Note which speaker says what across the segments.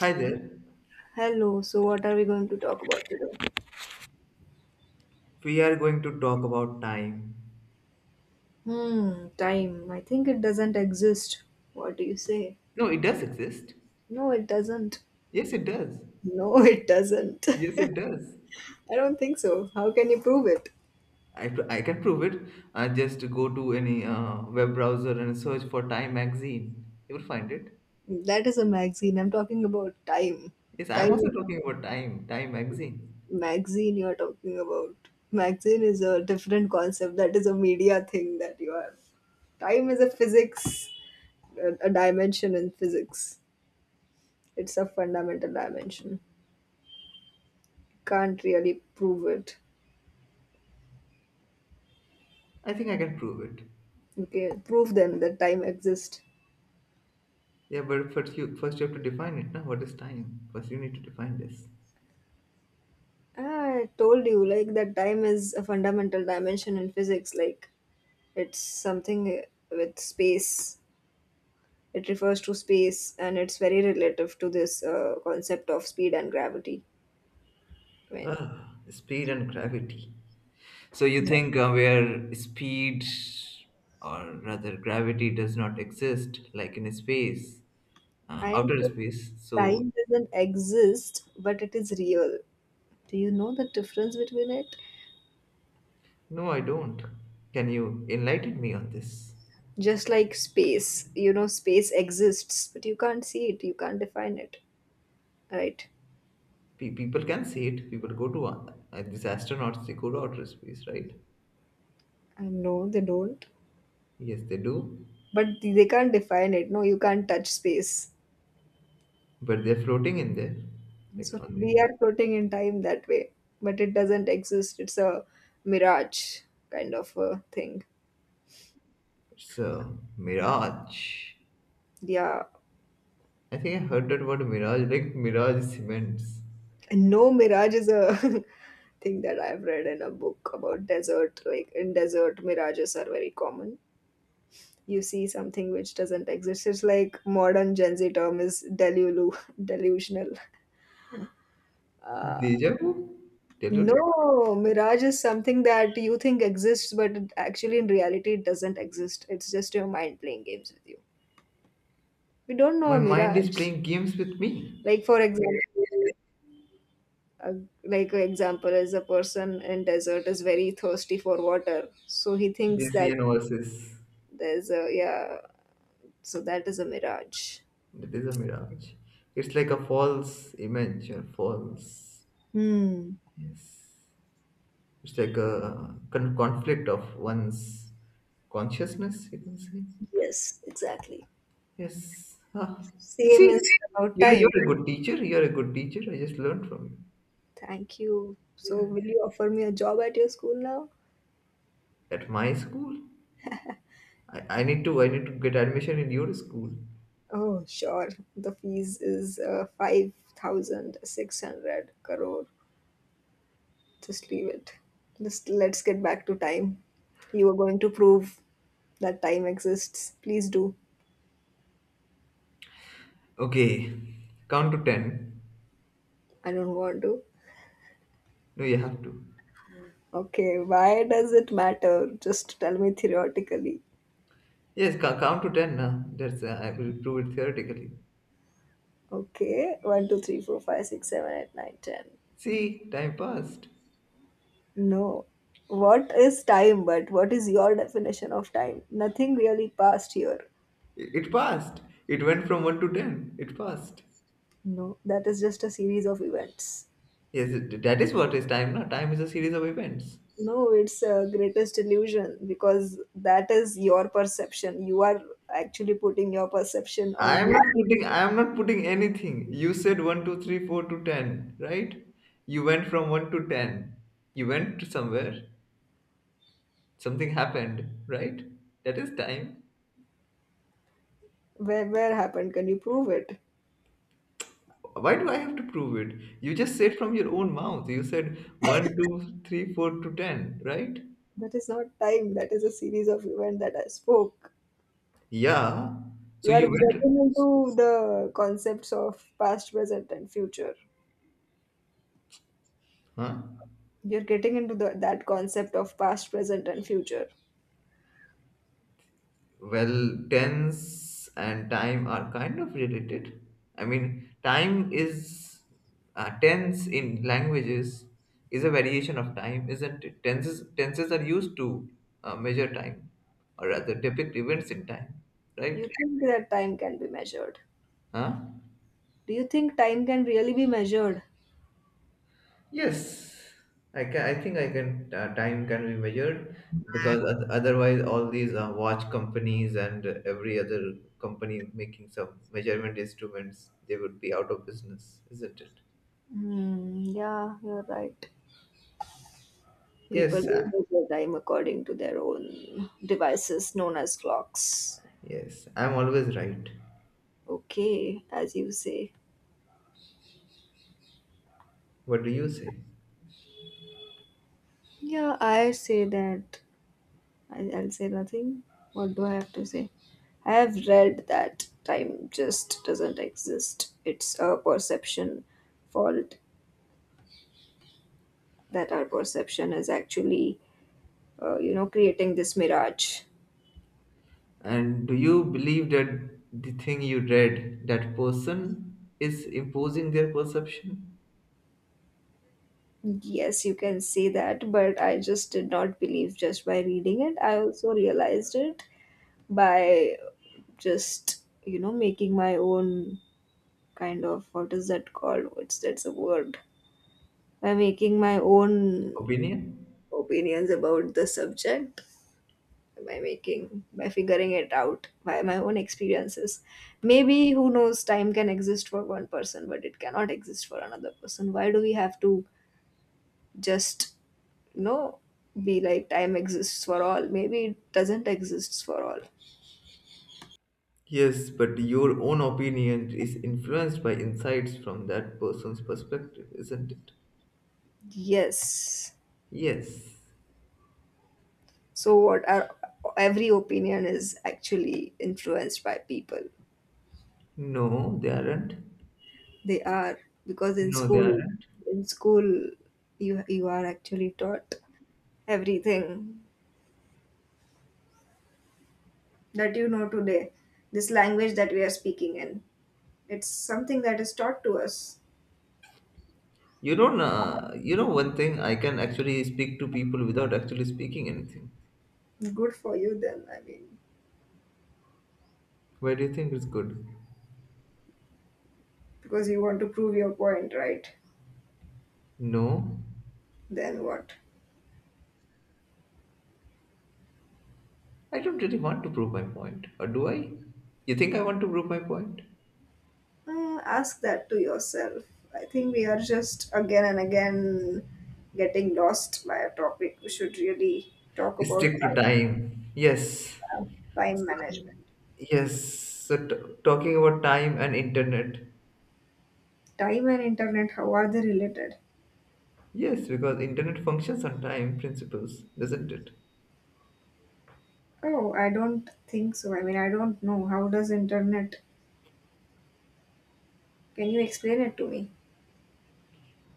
Speaker 1: Hi there.
Speaker 2: Hello, so what are we going to talk about today?
Speaker 1: We are going to talk about time.
Speaker 2: Hmm, time. I think it doesn't exist. What do you say?
Speaker 1: No, it does exist.
Speaker 2: No, it doesn't.
Speaker 1: Yes, it does.
Speaker 2: No, it doesn't.
Speaker 1: Yes, it
Speaker 2: I
Speaker 1: does.
Speaker 2: don't think so. How can you prove it?
Speaker 1: I, I can prove it. I just go to any web browser and search for Time magazine. You will find it.
Speaker 2: That is a magazine. I'm talking about time.
Speaker 1: Yes, I'm
Speaker 2: Time
Speaker 1: also
Speaker 2: is
Speaker 1: talking about time. Time magazine.
Speaker 2: a magazine you're talking about. Magazine is a different concept. That is a media thing that you have. Time is a physics, a dimension in physics. It's a fundamental dimension. Can't really prove it.
Speaker 1: I think I can prove it.
Speaker 2: Okay, prove then that time exists.
Speaker 1: Yeah, but first you have to define it. Now, what is time? First, you need to define this.
Speaker 2: I told you, like, that time is a fundamental dimension in physics. Like, it's something with space. It refers to space, and it's very relative to this concept of speed and gravity. I mean,
Speaker 1: Ah, speed and gravity. So you
Speaker 2: yeah.
Speaker 1: think where speed or rather gravity does not exist, like in space,
Speaker 2: I am
Speaker 1: outer
Speaker 2: saying
Speaker 1: space. So
Speaker 2: time doesn't exist, but it is real. Do you know the difference between it?
Speaker 1: no, I don't. Can you enlighten me on this?
Speaker 2: Just like space, you know, space exists, but you can't see it, you can't define it, right?
Speaker 1: People can see it. People go to these astronauts. They go to outer space, right?
Speaker 2: I know they don't,
Speaker 1: Yes, they do.
Speaker 2: but they can't define it. No, you can't touch space,
Speaker 1: But they're floating in there, like
Speaker 2: so
Speaker 1: on the.
Speaker 2: we are floating in time that way, but it doesn't exist. It's a mirage kind of a thing,
Speaker 1: It's a mirage.
Speaker 2: yeah.
Speaker 1: I think I heard that word mirage, like mirage cements.
Speaker 2: And no, mirage is a thing that I've read in a book about desert. Like in desert, mirages are very common. You see something which doesn't exist. It's like modern Gen Z term is delulu, delusional. Uh,
Speaker 1: Deja vu? Tell it.
Speaker 2: No, mirage is something that you think exists, but actually in reality it doesn't exist. It's just your mind playing games with you. We don't know a
Speaker 1: My mind is
Speaker 2: mirage.
Speaker 1: playing games with me.
Speaker 2: Like for example, a, like for example, is a person in desert is very thirsty for water, so he thinks that
Speaker 1: Gaussian versus.
Speaker 2: there's a, yeah. So that is a mirage.
Speaker 1: That is a mirage. It's like a false image or false.
Speaker 2: Hmm.
Speaker 1: Yes. It's like a conflict of one's consciousness, you can say.
Speaker 2: Yes, exactly.
Speaker 1: Yes. Ah. You
Speaker 2: Same
Speaker 1: see,
Speaker 2: is about
Speaker 1: you're,
Speaker 2: time.
Speaker 1: you're a good teacher. You're a good teacher. I just learned from you.
Speaker 2: Thank you. So
Speaker 1: Yeah.
Speaker 2: will you offer me a job at your school now?
Speaker 1: At my school? I need to get admission in your school.
Speaker 2: Oh, sure. The fees is 5,600 crore. Just leave it. Just let's get back to time. You are going to prove that time exists. Please do.
Speaker 1: Okay. Count to ten.
Speaker 2: I don't want to.
Speaker 1: No, you have to.
Speaker 2: Okay, why does it matter? Just tell me theoretically.
Speaker 1: Yes, count to ten. Nah. That's I will prove it theoretically.
Speaker 2: Okay, one, two, three, four, five, six, seven, eight, nine, ten.
Speaker 1: See, time passed.
Speaker 2: No. What is time, but what is your definition of time? Nothing really passed here.
Speaker 1: It passed. It went from one to ten. It passed.
Speaker 2: No, that is just a series of events.
Speaker 1: Yes, that is what is time. Now, time is a series of events.
Speaker 2: No, it's a greatest illusion because that is your perception. You are actually putting your perception
Speaker 1: I
Speaker 2: on
Speaker 1: am
Speaker 2: me.
Speaker 1: not putting. I am not putting anything. You said one, two, three, four to ten, right? You went from one to ten. You went to somewhere. Something happened, right? That is time.
Speaker 2: Where happened? Can you prove it?
Speaker 1: Why do I have to prove it? You just said from your own mouth. You said one, two, three, four to ten, right?
Speaker 2: That is not time. That is a series of events that I spoke.
Speaker 1: Yeah.
Speaker 2: You
Speaker 1: So
Speaker 2: are
Speaker 1: you went,
Speaker 2: getting into the concepts of past, present, and future.
Speaker 1: huh?
Speaker 2: You're getting into that concept of past, present, and future.
Speaker 1: Well, tense and time are kind of related. I mean, time is tense in languages is a variation of time, isn't it? Tenses are used to measure time, or rather depict events in time, right?
Speaker 2: You think that time can be measured.
Speaker 1: Huh?
Speaker 2: Do you think time can really be measured?
Speaker 1: Yes, I can. I think I can. Time can be measured because otherwise, all these watch companies and every other company making some measurement instruments, they would be out of business, isn't it?
Speaker 2: Hmm, yeah, you're right. People
Speaker 1: Yes,
Speaker 2: will measure their time according to their own devices known as clocks.
Speaker 1: yes. I'm always right.
Speaker 2: Okay, as you say.
Speaker 1: What do you say?
Speaker 2: Yeah, I say that. I'll say nothing. What do I have to say? I have read that time just doesn't exist. It's a perception fault that our perception is actually, you know, creating this mirage.
Speaker 1: And do you believe that the thing you read, that person is imposing their perception,
Speaker 2: Yes, you can say that, but I just did not believe just by reading it. I also realized it by just, you know, making my own kind of, what is that called, what's that's a word, by making my own
Speaker 1: opinion?
Speaker 2: opinions about the subject, by making, by figuring it out by my own experiences. Maybe, who knows, time can exist for one person but it cannot exist for another person. Why do we have to just, you know, be like time exists for all? Maybe it doesn't exist for all.
Speaker 1: Yes, but your own opinion is influenced by insights from that person's perspective, isn't it?
Speaker 2: Yes.
Speaker 1: Yes.
Speaker 2: So what are, every opinion is actually influenced by people.
Speaker 1: No, they aren't.
Speaker 2: They are, because
Speaker 1: No, they aren't.
Speaker 2: in school, you are actually taught everything that you know today. This language that we are speaking in, it's something that is taught to us.
Speaker 1: You don't. You know one thing. I can actually speak to people without actually speaking anything.
Speaker 2: Good for you then. I mean,
Speaker 1: Why do you think it's good?
Speaker 2: because you want to prove your point, right?
Speaker 1: No,
Speaker 2: Then what?
Speaker 1: I don't really want to prove my point, or do I? You think I want to prove my point?
Speaker 2: Ask that to yourself. I think we are just again and again getting lost by a topic. We should really talk about
Speaker 1: Stick to time. Yes.
Speaker 2: uh, time
Speaker 1: So,
Speaker 2: management.
Speaker 1: yes. So talking about time and internet.
Speaker 2: Time and internet, how are they related?
Speaker 1: Yes, because internet functions on time principles, doesn't it?
Speaker 2: Oh, I don't think so. I mean, I don't know. How does internet? Can you explain it to me?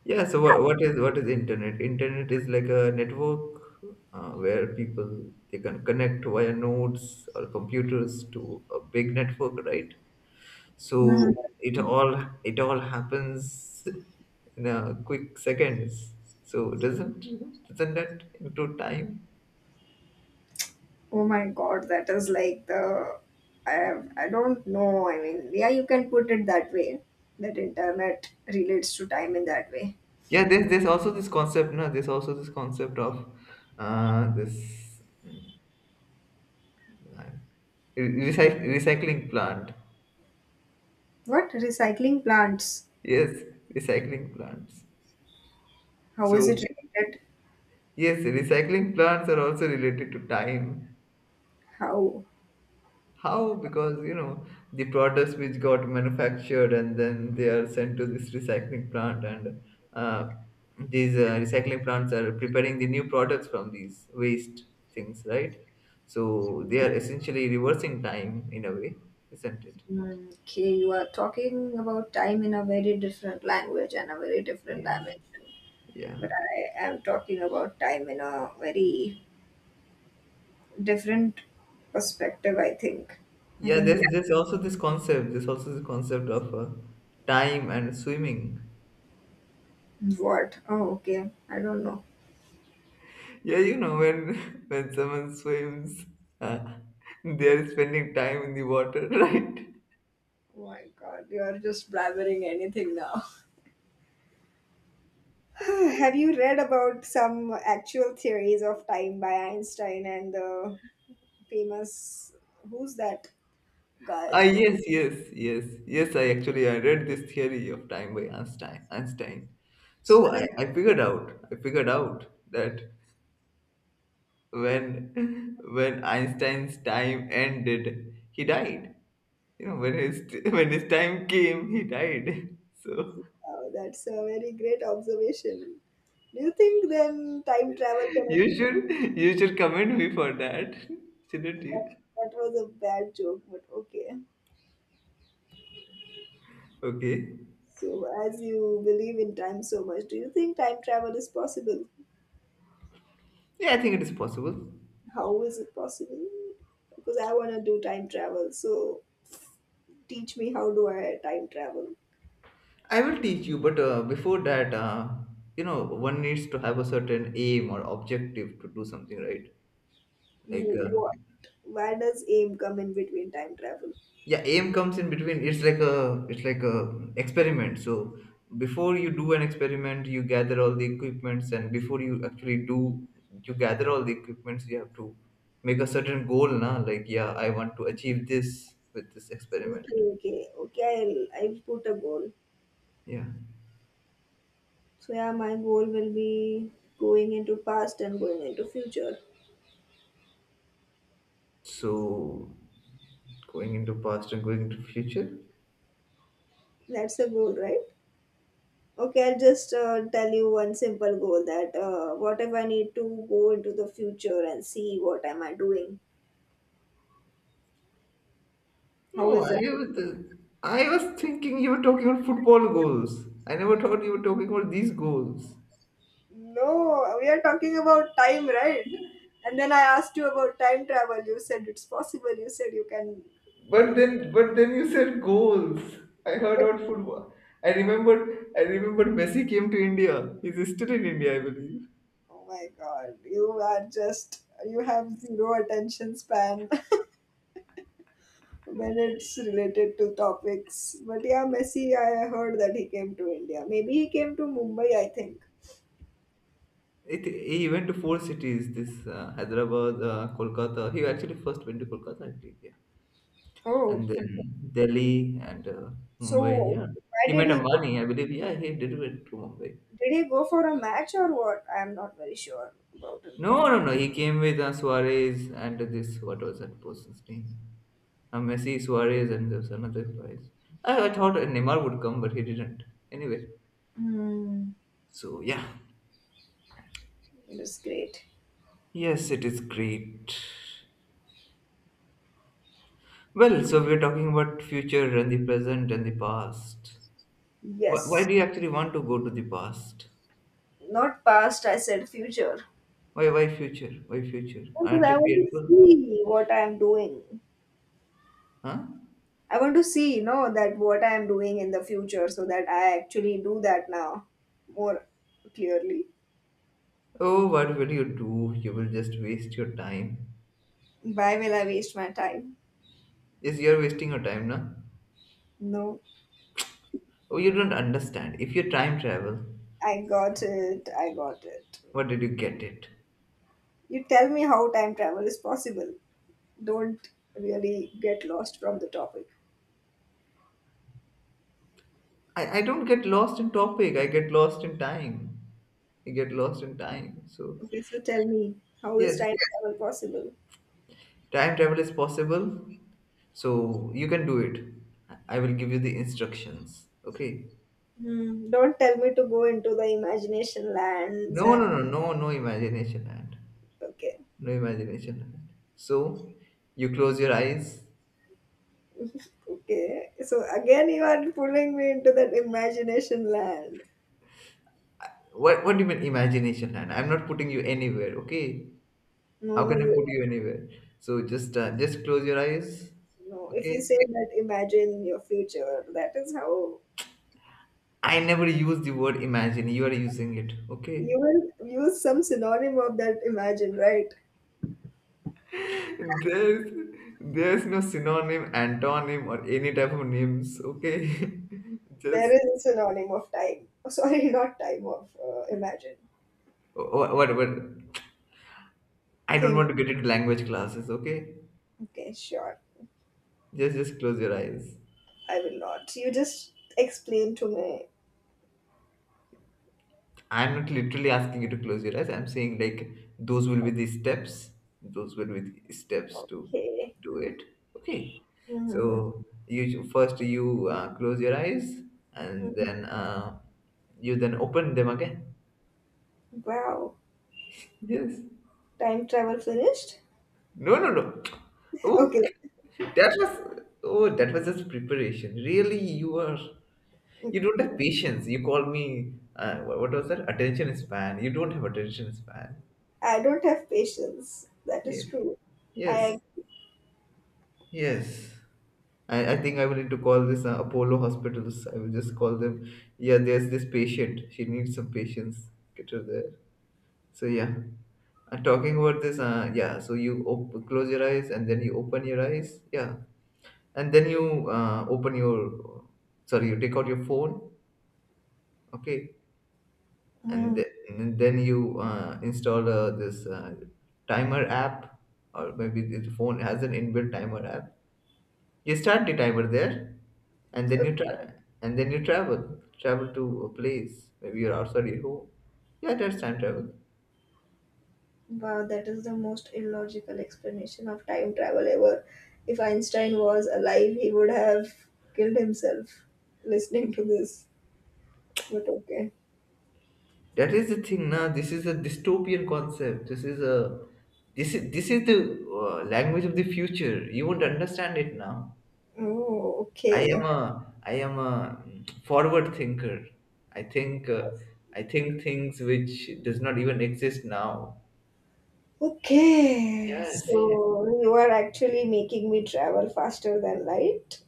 Speaker 1: Yeah. So what is internet? Internet is like a network where people they can connect via nodes or computers to a big network, right?
Speaker 2: Mhm.
Speaker 1: So it all happens in a quick seconds. So doesn't that include time?
Speaker 2: Oh my God, that is like the. I have, I don't know. I mean, yeah, you can put it that way. That internet relates to time in that way.
Speaker 1: Yeah, there's also this concept, no, there's also this concept of this recycling plant.
Speaker 2: What recycling plants?
Speaker 1: Yes, recycling plants.
Speaker 2: How is
Speaker 1: So,
Speaker 2: it related?
Speaker 1: yes, recycling plants are also related to time.
Speaker 2: How?
Speaker 1: How? Because, you know, the products which got manufactured and then they are sent to this recycling plant, and uh, these recycling plants are preparing the new products from these waste things, right? So, they are essentially reversing time in a way, isn't it?
Speaker 2: Hmm, okay, you are talking about time in a very different language and a very different
Speaker 1: Yes.
Speaker 2: dimension.
Speaker 1: Yeah.
Speaker 2: But I am talking about time in a very different perspective, I think. I
Speaker 1: Yeah,
Speaker 2: think.
Speaker 1: there's also this concept. There's also this concept of time and swimming.
Speaker 2: Yeah. What? Oh, okay. I don't know.
Speaker 1: Yeah, you know when when someone swims, uh, they are spending time in the water, right?
Speaker 2: Oh my god, you are just blabbering anything now. Have you read about some actual theories of time by Einstein and the famous, who's that guy?
Speaker 1: Ah, yes, yes, yes, yes. I actually I read this theory of time by Einstein. Einstein. So
Speaker 2: So
Speaker 1: I,
Speaker 2: do,
Speaker 1: I figured out. I figured out that when when Einstein's time ended, he died. You know when his when his time came, he died. So
Speaker 2: oh, that's a very great observation. Do you think then time travel can,
Speaker 1: You should you should commend me for that, shouldn't
Speaker 2: that,
Speaker 1: you?
Speaker 2: that was a bad joke, but okay.
Speaker 1: Okay.
Speaker 2: So as you believe in time so much, do you think time travel is possible?
Speaker 1: Yeah, I think it is possible.
Speaker 2: How is it possible? Because I want to do time travel. So teach me, how do I time travel?
Speaker 1: I will teach you, but before that, you know, one needs to have a certain aim or objective to do something, right? Like,
Speaker 2: What? Where does aim come in between time travel?
Speaker 1: yeah, aim comes in between. It's like a experiment. So before you do an experiment, you gather all the equipments, and before you actually do, you gather all the equipments. You have to make a certain goal na, like, yeah, I want to achieve this with this
Speaker 2: Okay,
Speaker 1: experiment.
Speaker 2: okay, okay. I'll put a goal.
Speaker 1: Yeah,
Speaker 2: So yeah, my goal will be going into past and going into future.
Speaker 1: so going into past and going into future.
Speaker 2: That's the goal, right? Okay, I'll just tell you one simple goal that what if I need to go into the future and see what am I doing?
Speaker 1: No,
Speaker 2: How is that?
Speaker 1: I was thinking you were talking about football goals. I never thought you were talking about these goals.
Speaker 2: No, we are talking about time, right? And then I asked you about time travel. You said it's possible. You said you can, like,
Speaker 1: But then you said goals. I heard
Speaker 2: but
Speaker 1: about football. I remembered. I remembered Messi came to India. He's still in India, I believe.
Speaker 2: oh my god, you are just, you have zero attention span when it's related to topics. But yeah, Messi, I heard that he came to India. Maybe he came to Mumbai, I think.
Speaker 1: It, he went to four cities. This Hyderabad, Kolkata. He actually first went to Kolkata, I believe. Yeah, and
Speaker 2: Oh,
Speaker 1: then
Speaker 2: okay.
Speaker 1: Delhi and Mumbai.
Speaker 2: So
Speaker 1: Yeah,
Speaker 2: why
Speaker 1: he
Speaker 2: did
Speaker 1: met
Speaker 2: he go?
Speaker 1: Amani, I believe. Yeah, he did went to Mumbai.
Speaker 2: Did he go for a match or what? I am not very sure about him.
Speaker 1: No, no, no. He came with Suarez and this. What was that person's name? Messi, Suarez, and there's another prize. I thought Neymar would come, but he didn't. Anyway,
Speaker 2: Hmm,
Speaker 1: so yeah,
Speaker 2: it is great.
Speaker 1: yes, it is great. Well, so we're talking about future and the present and the past. Why
Speaker 2: Yes,
Speaker 1: do you actually want to go to the past?
Speaker 2: not past. I said future,
Speaker 1: Why future? Why future?
Speaker 2: because
Speaker 1: Aren't you
Speaker 2: I want to
Speaker 1: fearful?
Speaker 2: see what I am doing.
Speaker 1: Huh?
Speaker 2: I want to see, you know, that what I am doing in the future, so that I actually do that now more clearly.
Speaker 1: Oh, what will you do? You will just waste your time.
Speaker 2: Why will I waste my time?
Speaker 1: Yes, you're wasting your time, no?
Speaker 2: No,
Speaker 1: Oh, you don't understand. If you time travel,
Speaker 2: I got it. I got it.
Speaker 1: what did you get it?
Speaker 2: You tell me how time travel is possible. Don't really get lost from the topic.
Speaker 1: I don't get lost in topic. I get lost in time. I get lost in time. So
Speaker 2: Okay, so tell me, how is
Speaker 1: yes,
Speaker 2: time travel possible?
Speaker 1: time travel is possible. So you can do it. I will give you the instructions. Okay.
Speaker 2: Hmm, don't tell me to go into the imagination lands
Speaker 1: No, no,
Speaker 2: and
Speaker 1: no, no, no imagination land.
Speaker 2: okay,
Speaker 1: No imagination land. So you close your eyes.
Speaker 2: okay. So again, you are pulling me into that imagination land.
Speaker 1: What do you mean imagination land? I'm not putting you anywhere. Okay.
Speaker 2: No,
Speaker 1: How
Speaker 2: no,
Speaker 1: can I
Speaker 2: you
Speaker 1: put you anywhere? So just close your eyes.
Speaker 2: no. If
Speaker 1: Okay.
Speaker 2: you say that, imagine your future. That is how
Speaker 1: I never use the word imagine. You are using it. Okay.
Speaker 2: you will use some synonym of that imagine, right?
Speaker 1: There's there's no synonym, antonym, or any type of names. Okay.
Speaker 2: There
Speaker 1: Just
Speaker 2: is a synonym of time. Oh, sorry, not time, of imagine.
Speaker 1: what I don't want
Speaker 2: Think.
Speaker 1: to get into language classes. Okay.
Speaker 2: Okay, sure.
Speaker 1: Just close your eyes.
Speaker 2: I will not. You just explain to me.
Speaker 1: I'm not literally asking you to close your eyes. I'm saying like those will be the steps. Those will be the steps to
Speaker 2: Okay.
Speaker 1: do it. Okay.
Speaker 2: Mhm.
Speaker 1: So you close your eyes, and
Speaker 2: Mhm.
Speaker 1: then you then open them again.
Speaker 2: Wow.
Speaker 1: Yes.
Speaker 2: Time travel finished?
Speaker 1: No, no, no. Oh,
Speaker 2: Okay.
Speaker 1: that was just preparation. Really, you don't
Speaker 2: Okay.
Speaker 1: have patience. You call me what was that? Attention span. You don't have attention span.
Speaker 2: I don't have patience. That is
Speaker 1: Yes.
Speaker 2: true.
Speaker 1: Yes.
Speaker 2: I.
Speaker 1: Yes. I think I will need to call this Apollo hospitals. I will just call them. Yeah, there's this patient. She needs some patients. Get her there. So yeah. And talking about this, yeah. So you close your eyes and then you open your eyes. Yeah. And then you open your, sorry, you take out your phone. Okay. And,
Speaker 2: Hmm.
Speaker 1: and then you install this timer app, or maybe the phone has an inbuilt timer app. You start the timer there, and then you
Speaker 2: Oh,
Speaker 1: try, and then you travel to a place. Maybe you're outside your home. Yeah, that's time travel.
Speaker 2: wow, that is the most illogical explanation of time travel ever. If Einstein was alive, he would have killed himself listening to this. But okay.
Speaker 1: That is the thing. Now, this is a dystopian concept. This is a this is the language of the future. You won't understand it now.
Speaker 2: Oh,
Speaker 1: I am
Speaker 2: okay.
Speaker 1: a I am a forward thinker. I think uh, I think things which does not even exist now.
Speaker 2: Okay,
Speaker 1: Yes,
Speaker 2: so you are actually making me travel faster than light.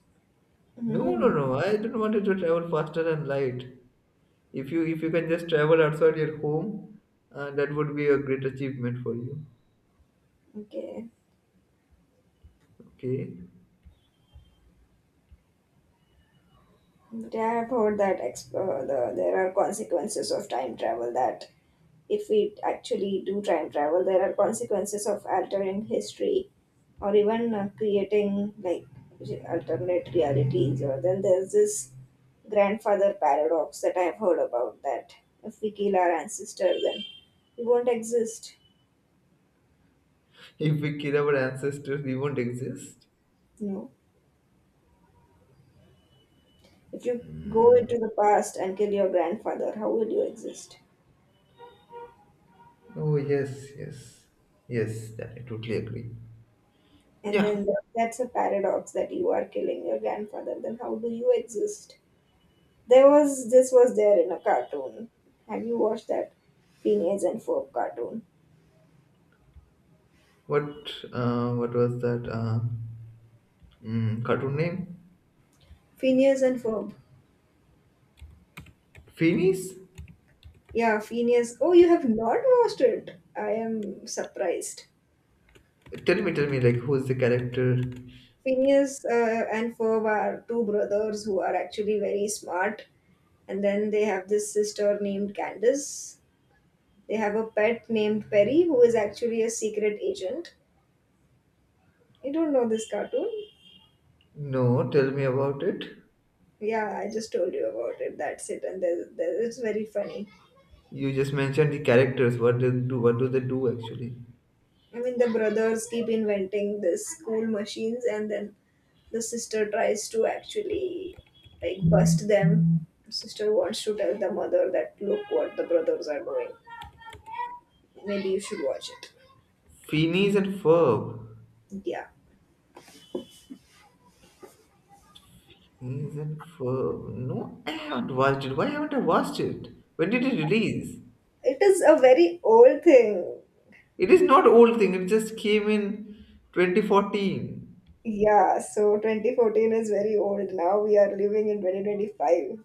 Speaker 1: no, no,
Speaker 2: Mm,
Speaker 1: no. I don't want you to travel faster than light. If you can just travel outside your home, that would be a great achievement for you.
Speaker 2: okay,
Speaker 1: Okay.
Speaker 2: but I have heard that the, there are consequences of time travel. That if we actually do time travel, there are consequences of altering history or even creating like alternate realities. Or then there's this grandfather paradox that I have heard about. That if we kill our ancestor, then we won't exist.
Speaker 1: If we kill our ancestors, we won't exist.
Speaker 2: No. If you go into the past and kill your grandfather, how will you exist?
Speaker 1: Oh yes, yes, yes. That I totally agree.
Speaker 2: And
Speaker 1: Yeah.
Speaker 2: then that's a paradox that you are killing your grandfather, then how do you exist? There was this, was there in a cartoon. Have you watched that Phineas and Ferb cartoon?
Speaker 1: What was that cartoon name?
Speaker 2: Phineas and Ferb.
Speaker 1: Phoenix.
Speaker 2: Yeah, Phineas. Oh, you have not watched it. I am surprised.
Speaker 1: Tell me, like, who's the character?
Speaker 2: Phineas and Ferb are two brothers who are actually very smart, and then they have this sister named Candace. They have a pet named Perry who is actually a secret agent. You don't know this cartoon?
Speaker 1: No, tell me about it.
Speaker 2: Yeah, I just told you about it. That's it, and there's, there, it's very funny.
Speaker 1: You just mentioned the characters. What they do? What do they do actually?
Speaker 2: I mean, the brothers keep inventing these cool machines, and then the sister tries to actually like bust them. Sister wants to tell the mother that look what the brothers are doing. Maybe you should watch it.
Speaker 1: Phineas and Ferb.
Speaker 2: Yeah,
Speaker 1: Phineas and Ferb. No, I haven't watched it. Why haven't I watched it? When did it release?
Speaker 2: it is a very old thing.
Speaker 1: It is not old thing. It just came in 2014.
Speaker 2: Yeah, so 2014 is very old now. We are living in 2025.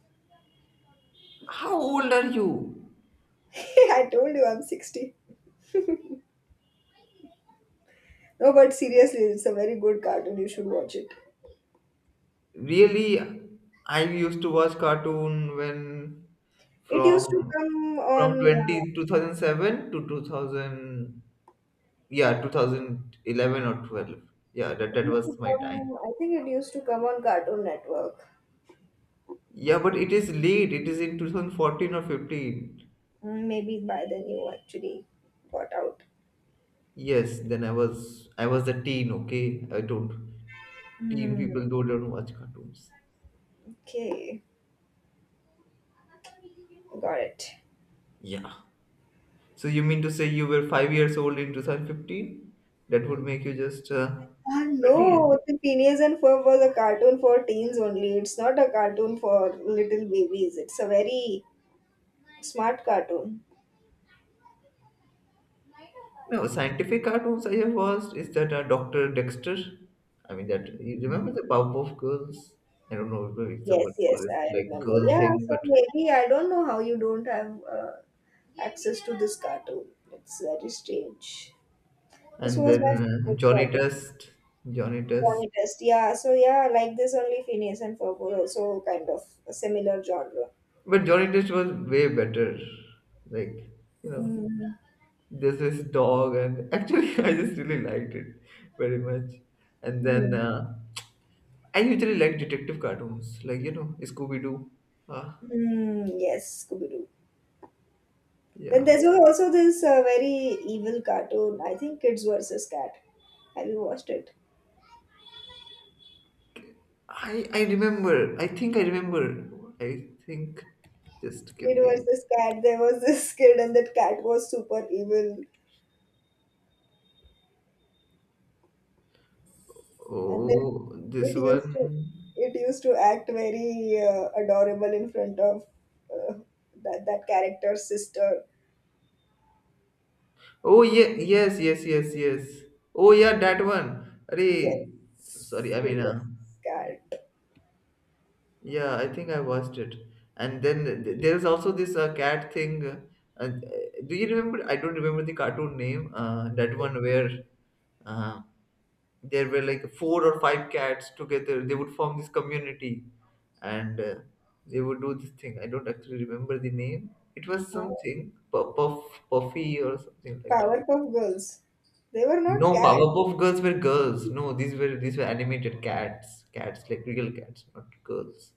Speaker 1: How old are you?
Speaker 2: I told you I'm 60. No, but seriously, it's a very good cartoon. You should watch it.
Speaker 1: Really, I used to watch cartoon when
Speaker 2: It used to
Speaker 1: from
Speaker 2: come on.
Speaker 1: 20 2007 to 2000. Yeah, 2011 or 12. Yeah, that,
Speaker 2: It
Speaker 1: that
Speaker 2: used to
Speaker 1: was my time.
Speaker 2: come. I think it used to come on Cartoon Network.
Speaker 1: Yeah, but it is late. It is in 2014 or 15.
Speaker 2: Mm, maybe by then you actually got out.
Speaker 1: Yes, then I was a teen, okay? I don't teen
Speaker 2: Hmm.
Speaker 1: people don't watch cartoons.
Speaker 2: Okay, got it.
Speaker 1: Yeah. So you mean to say you were 5 years old in 2015? That would make you just
Speaker 2: Ah, no,
Speaker 1: 20.
Speaker 2: the Phineas and Ferb was a cartoon for teens only. It's not a cartoon for little babies. It's a very smart cartoon.
Speaker 1: No, scientific cartoons I have watched is that Dr. Dexter. I mean that you remember the Powerpuff Girls? I don't know if
Speaker 2: Yes,
Speaker 1: someone
Speaker 2: yes,
Speaker 1: call it
Speaker 2: I
Speaker 1: like
Speaker 2: remember.
Speaker 1: girl
Speaker 2: Yeah,
Speaker 1: thing,
Speaker 2: so
Speaker 1: but
Speaker 2: maybe I don't know how you don't have access to this cartoon. It's very strange. This
Speaker 1: and
Speaker 2: was
Speaker 1: then
Speaker 2: my favorite
Speaker 1: Johnny
Speaker 2: cartoon.
Speaker 1: Test, Johnny Test.
Speaker 2: Johnny Test. Yeah, so yeah, like this only Phineas and Ferb were also kind of a similar genre.
Speaker 1: But Johnny Test was way better. Like, you know,
Speaker 2: Mm,
Speaker 1: this is dog, and actually, I just really liked it very much. And then
Speaker 2: mm,
Speaker 1: I usually like detective cartoons, like you know, Scooby Doo. Uh,
Speaker 2: hmm. Yes, Scooby Doo. Then
Speaker 1: yeah,
Speaker 2: there's also this very evil cartoon. I think Kids versus Cat. Have you watched it?
Speaker 1: I remember. I think I remember. I think. Just give
Speaker 2: Kid
Speaker 1: me.
Speaker 2: versus cat, there was this kid and that cat was super evil, and then
Speaker 1: Oh, this
Speaker 2: it used
Speaker 1: one.
Speaker 2: to it used to act very adorable in front of uh, that character's sister.
Speaker 1: Oh yeah, yes, yes, yes, yes. Oh yeah, that one. Arey, sorry,
Speaker 2: Yes,
Speaker 1: I
Speaker 2: kid
Speaker 1: mean,
Speaker 2: versus cat.
Speaker 1: yeah, I think I watched it. And then there is also this cat thing. Do you remember? I don't remember the cartoon name. That one where uh, there were like four or five cats together. They would form this community, and they would do this thing. I don't actually remember the name. It was something puff puffy or something like that.
Speaker 2: Powerpuff Girls, they were not
Speaker 1: No,
Speaker 2: cats.
Speaker 1: Powerpuff Girls were girls. No, these were animated cats. Cats like real cats, not girls.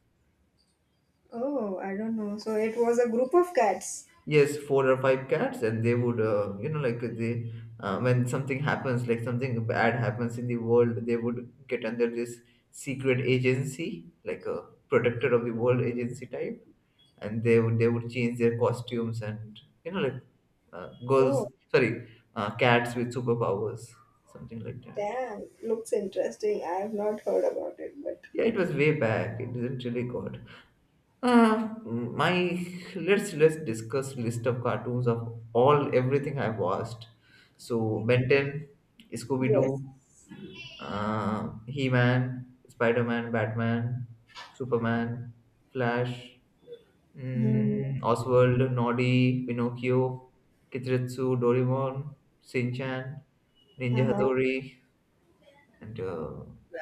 Speaker 2: Oh, I don't know. So it was a group of cats.
Speaker 1: Yes, four or five cats, and they would you know like they when something happens like something bad happens in the world, they would get under this secret agency, like a protector of the world agency type, and they would change their costumes, and you know like girls,
Speaker 2: Oh,
Speaker 1: sorry, cats with superpowers, something like that.
Speaker 2: damn, looks interesting. I have not heard about it, but
Speaker 1: Yeah, it was way back. It isn't really good. My let's discuss list of cartoons of all everything I've watched. So Ben 10, Scooby Doo,
Speaker 2: yes.
Speaker 1: He Man, Spider Man, Batman, Superman, Flash,
Speaker 2: Hmm.
Speaker 1: Oswald, Noddy, Pinocchio, Kitretsu, Doraemon, Shin Ninja
Speaker 2: Uh-huh.
Speaker 1: Hattori, and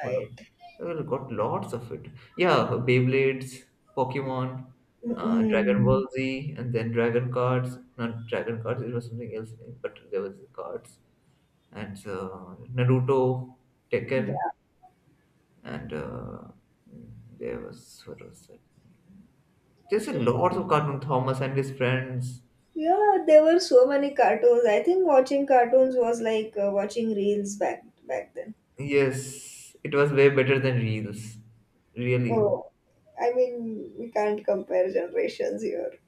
Speaker 1: hold on, I got lots of it. Yeah, Beyblades, Pokemon, Dragon
Speaker 2: Mm-mm.
Speaker 1: Ball Z, and then Dragon Cards. Not Dragon Cards, it was something else, but there was cards. And Naruto, Tekken,
Speaker 2: Yeah.
Speaker 1: and there was what was that? There's a lot of Cartoon Thomas and his friends.
Speaker 2: Yeah, there were so many cartoons. I think watching cartoons was like watching reels back then.
Speaker 1: Yes, it was way better than reels. Really,
Speaker 2: Oh, I mean, we can't compare generations here.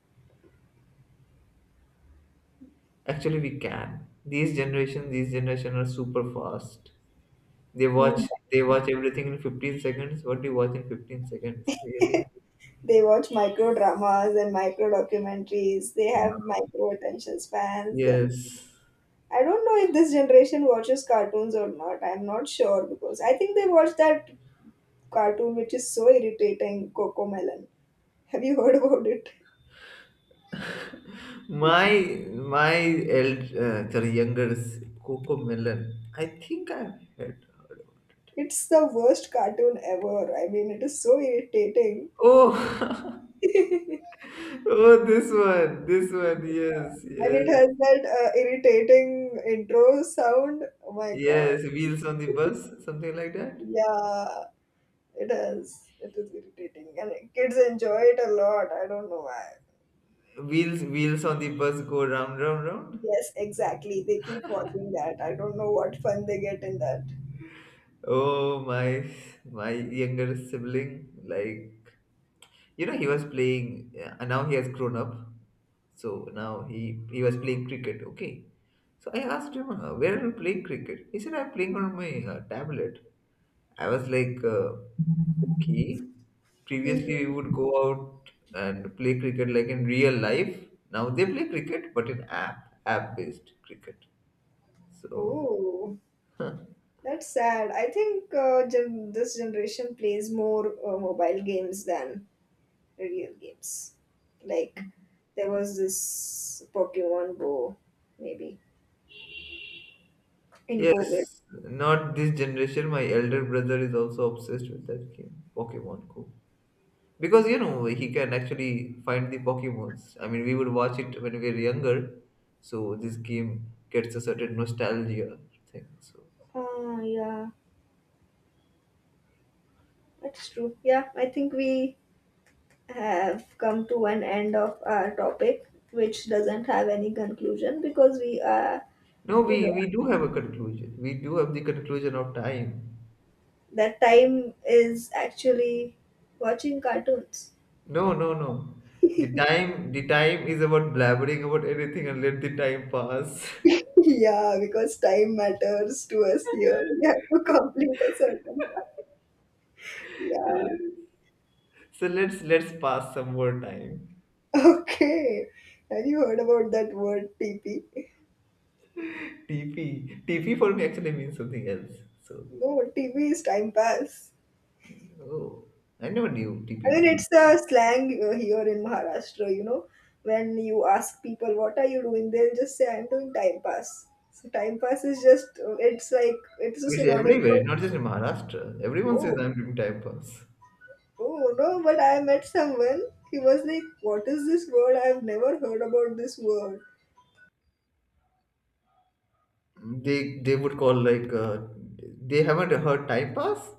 Speaker 1: actually, we can. These generation are super fast. They watch
Speaker 2: Mm.
Speaker 1: they watch everything in 15 seconds. What do you watch in 15 seconds? Really?
Speaker 2: They watch micro dramas and micro documentaries. They have micro attention spans, and
Speaker 1: Yes.
Speaker 2: I don't know if this generation watches cartoons or not. I'm not sure because I think they watch that cartoon which is so irritating, Coco Melon. Have you heard about it?
Speaker 1: My my eld sorry, younger is Coco Melon. I think I've had heard of.
Speaker 2: It's the worst cartoon ever. I mean, it is so irritating.
Speaker 1: Oh, oh, this one, yes,
Speaker 2: And it
Speaker 1: yes,
Speaker 2: has that irritating intro sound. Oh my god.
Speaker 1: yes. Wheels on the bus, something like that.
Speaker 2: Yeah, it is. It is irritating. And kids enjoy it a lot. I don't know why.
Speaker 1: Wheels on the bus go round, round, round.
Speaker 2: Yes, exactly. They keep watching that. I don't know what fun they get in that.
Speaker 1: Oh, my younger sibling, like you know, he was playing, and now he has grown up. So now he was playing cricket. Okay. So I asked him, "Where are you playing cricket?" He said, "I'm playing on my tablet." I was like, "Okay."
Speaker 2: Mhm.
Speaker 1: Previously, we would go out and play cricket like in real life. Now they play cricket, but in app based cricket. So.
Speaker 2: Oh, that's sad. I think this generation plays more mobile games than real games. Like, there was this Pokemon Go, maybe in COVID.
Speaker 1: Yes, not this generation. My elder brother is also obsessed with that game, Pokemon Go. Because you know he can actually find the Pokemons. I mean, we would watch it when we were younger, so this game gets a certain nostalgia thing. So
Speaker 2: Ah, yeah, that's true. Yeah, I think we have come to an end of our topic, which doesn't have any conclusion because we are.
Speaker 1: no, we
Speaker 2: We don't.
Speaker 1: we do have a conclusion. We do have the conclusion of time.
Speaker 2: That time is actually watching cartoons.
Speaker 1: No, no, no. The time is about blabbering about anything and let the time pass.
Speaker 2: Yeah, because time matters to us here. We have to complete a certain time. Yeah.
Speaker 1: So let's pass some more time.
Speaker 2: Okay. Have you heard about that word TP?
Speaker 1: TP for me actually means something else. So
Speaker 2: No, TV is time pass.
Speaker 1: oh, I never knew TP
Speaker 2: I mean,
Speaker 1: would.
Speaker 2: it's a slang here in Maharashtra, you know. When you ask people, what are you doing? They'll just say, I'm doing time pass. So time pass is just, it's like, it's a
Speaker 1: It's
Speaker 2: synonym
Speaker 1: everywhere,
Speaker 2: for,
Speaker 1: not just in Maharashtra. Everyone says
Speaker 2: oh,
Speaker 1: I'm doing time pass.
Speaker 2: oh, no, but I met someone. He was like, what is this word? I've never heard about this word.
Speaker 1: They would call like they haven't heard time pass.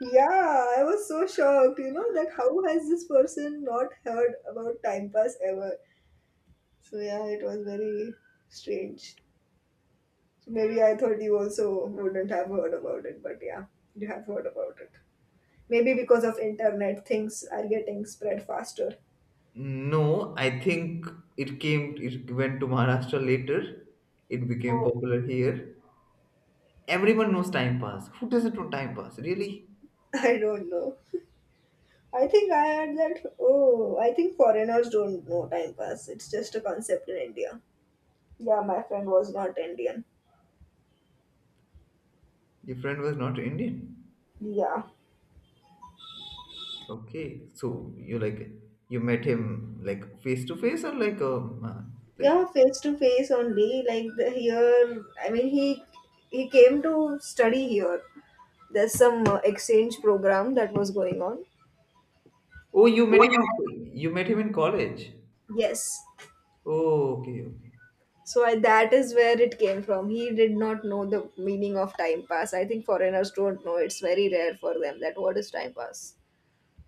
Speaker 2: Yeah, I was so shocked, you know, that how has this person not heard about time pass ever? So yeah, it was very strange. Maybe I thought you also wouldn't have heard about it, but yeah, you have heard about it. Maybe because of internet, things are getting spread faster.
Speaker 1: No, I think it went to Maharashtra later. It became
Speaker 2: Oh,
Speaker 1: popular here. Everyone knows time pass. Who doesn't know time pass? Really?
Speaker 2: I don't know. I think I had that. Oh, I think foreigners don't know time pass. It's just a concept in India. Yeah, my friend was not Indian.
Speaker 1: Your friend was not Indian.
Speaker 2: Yeah,
Speaker 1: Okay, so you like you met him like face to face or like
Speaker 2: yeah, face to face only. Like the, here, I mean, he came to study here. There's some exchange program that was going on.
Speaker 1: oh you met
Speaker 2: Oh,
Speaker 1: him in you met him in college.
Speaker 2: yes,
Speaker 1: Oh, okay, okay.
Speaker 2: so I, that is where it came from. He did not know the meaning of time pass. I think foreigners don't know. It's very rare for them that what is time pass.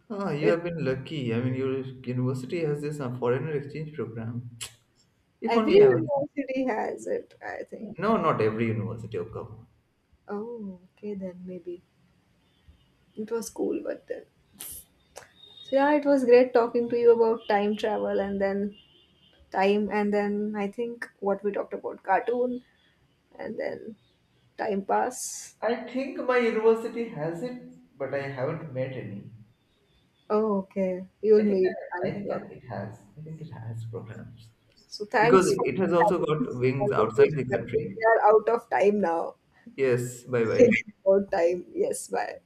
Speaker 1: Ah,
Speaker 2: So,
Speaker 1: you
Speaker 2: it,
Speaker 1: have been lucky. I mean, your university has this foreigner exchange program. If
Speaker 2: every
Speaker 1: only I was.
Speaker 2: university has it, I think.
Speaker 1: No, not every university. Oh, come
Speaker 2: Oh, okay, then maybe. It was cool, but then. So yeah, it was great talking to you about time travel and then time and then I think what we talked about cartoon and then time pass.
Speaker 1: on. I think my university has it, but I haven't met any.
Speaker 2: Oh, okay. You'll
Speaker 1: I think
Speaker 2: meet,
Speaker 1: I
Speaker 2: I'm
Speaker 1: think
Speaker 2: sure.
Speaker 1: it has. I think it has programs
Speaker 2: So
Speaker 1: because
Speaker 2: thanks for
Speaker 1: it has also
Speaker 2: having
Speaker 1: got
Speaker 2: this
Speaker 1: wings outside the
Speaker 2: conversation. I think
Speaker 1: country.
Speaker 2: we are out of time now.
Speaker 1: Yes. Bye bye.
Speaker 2: Thinking about time. Yes, bye.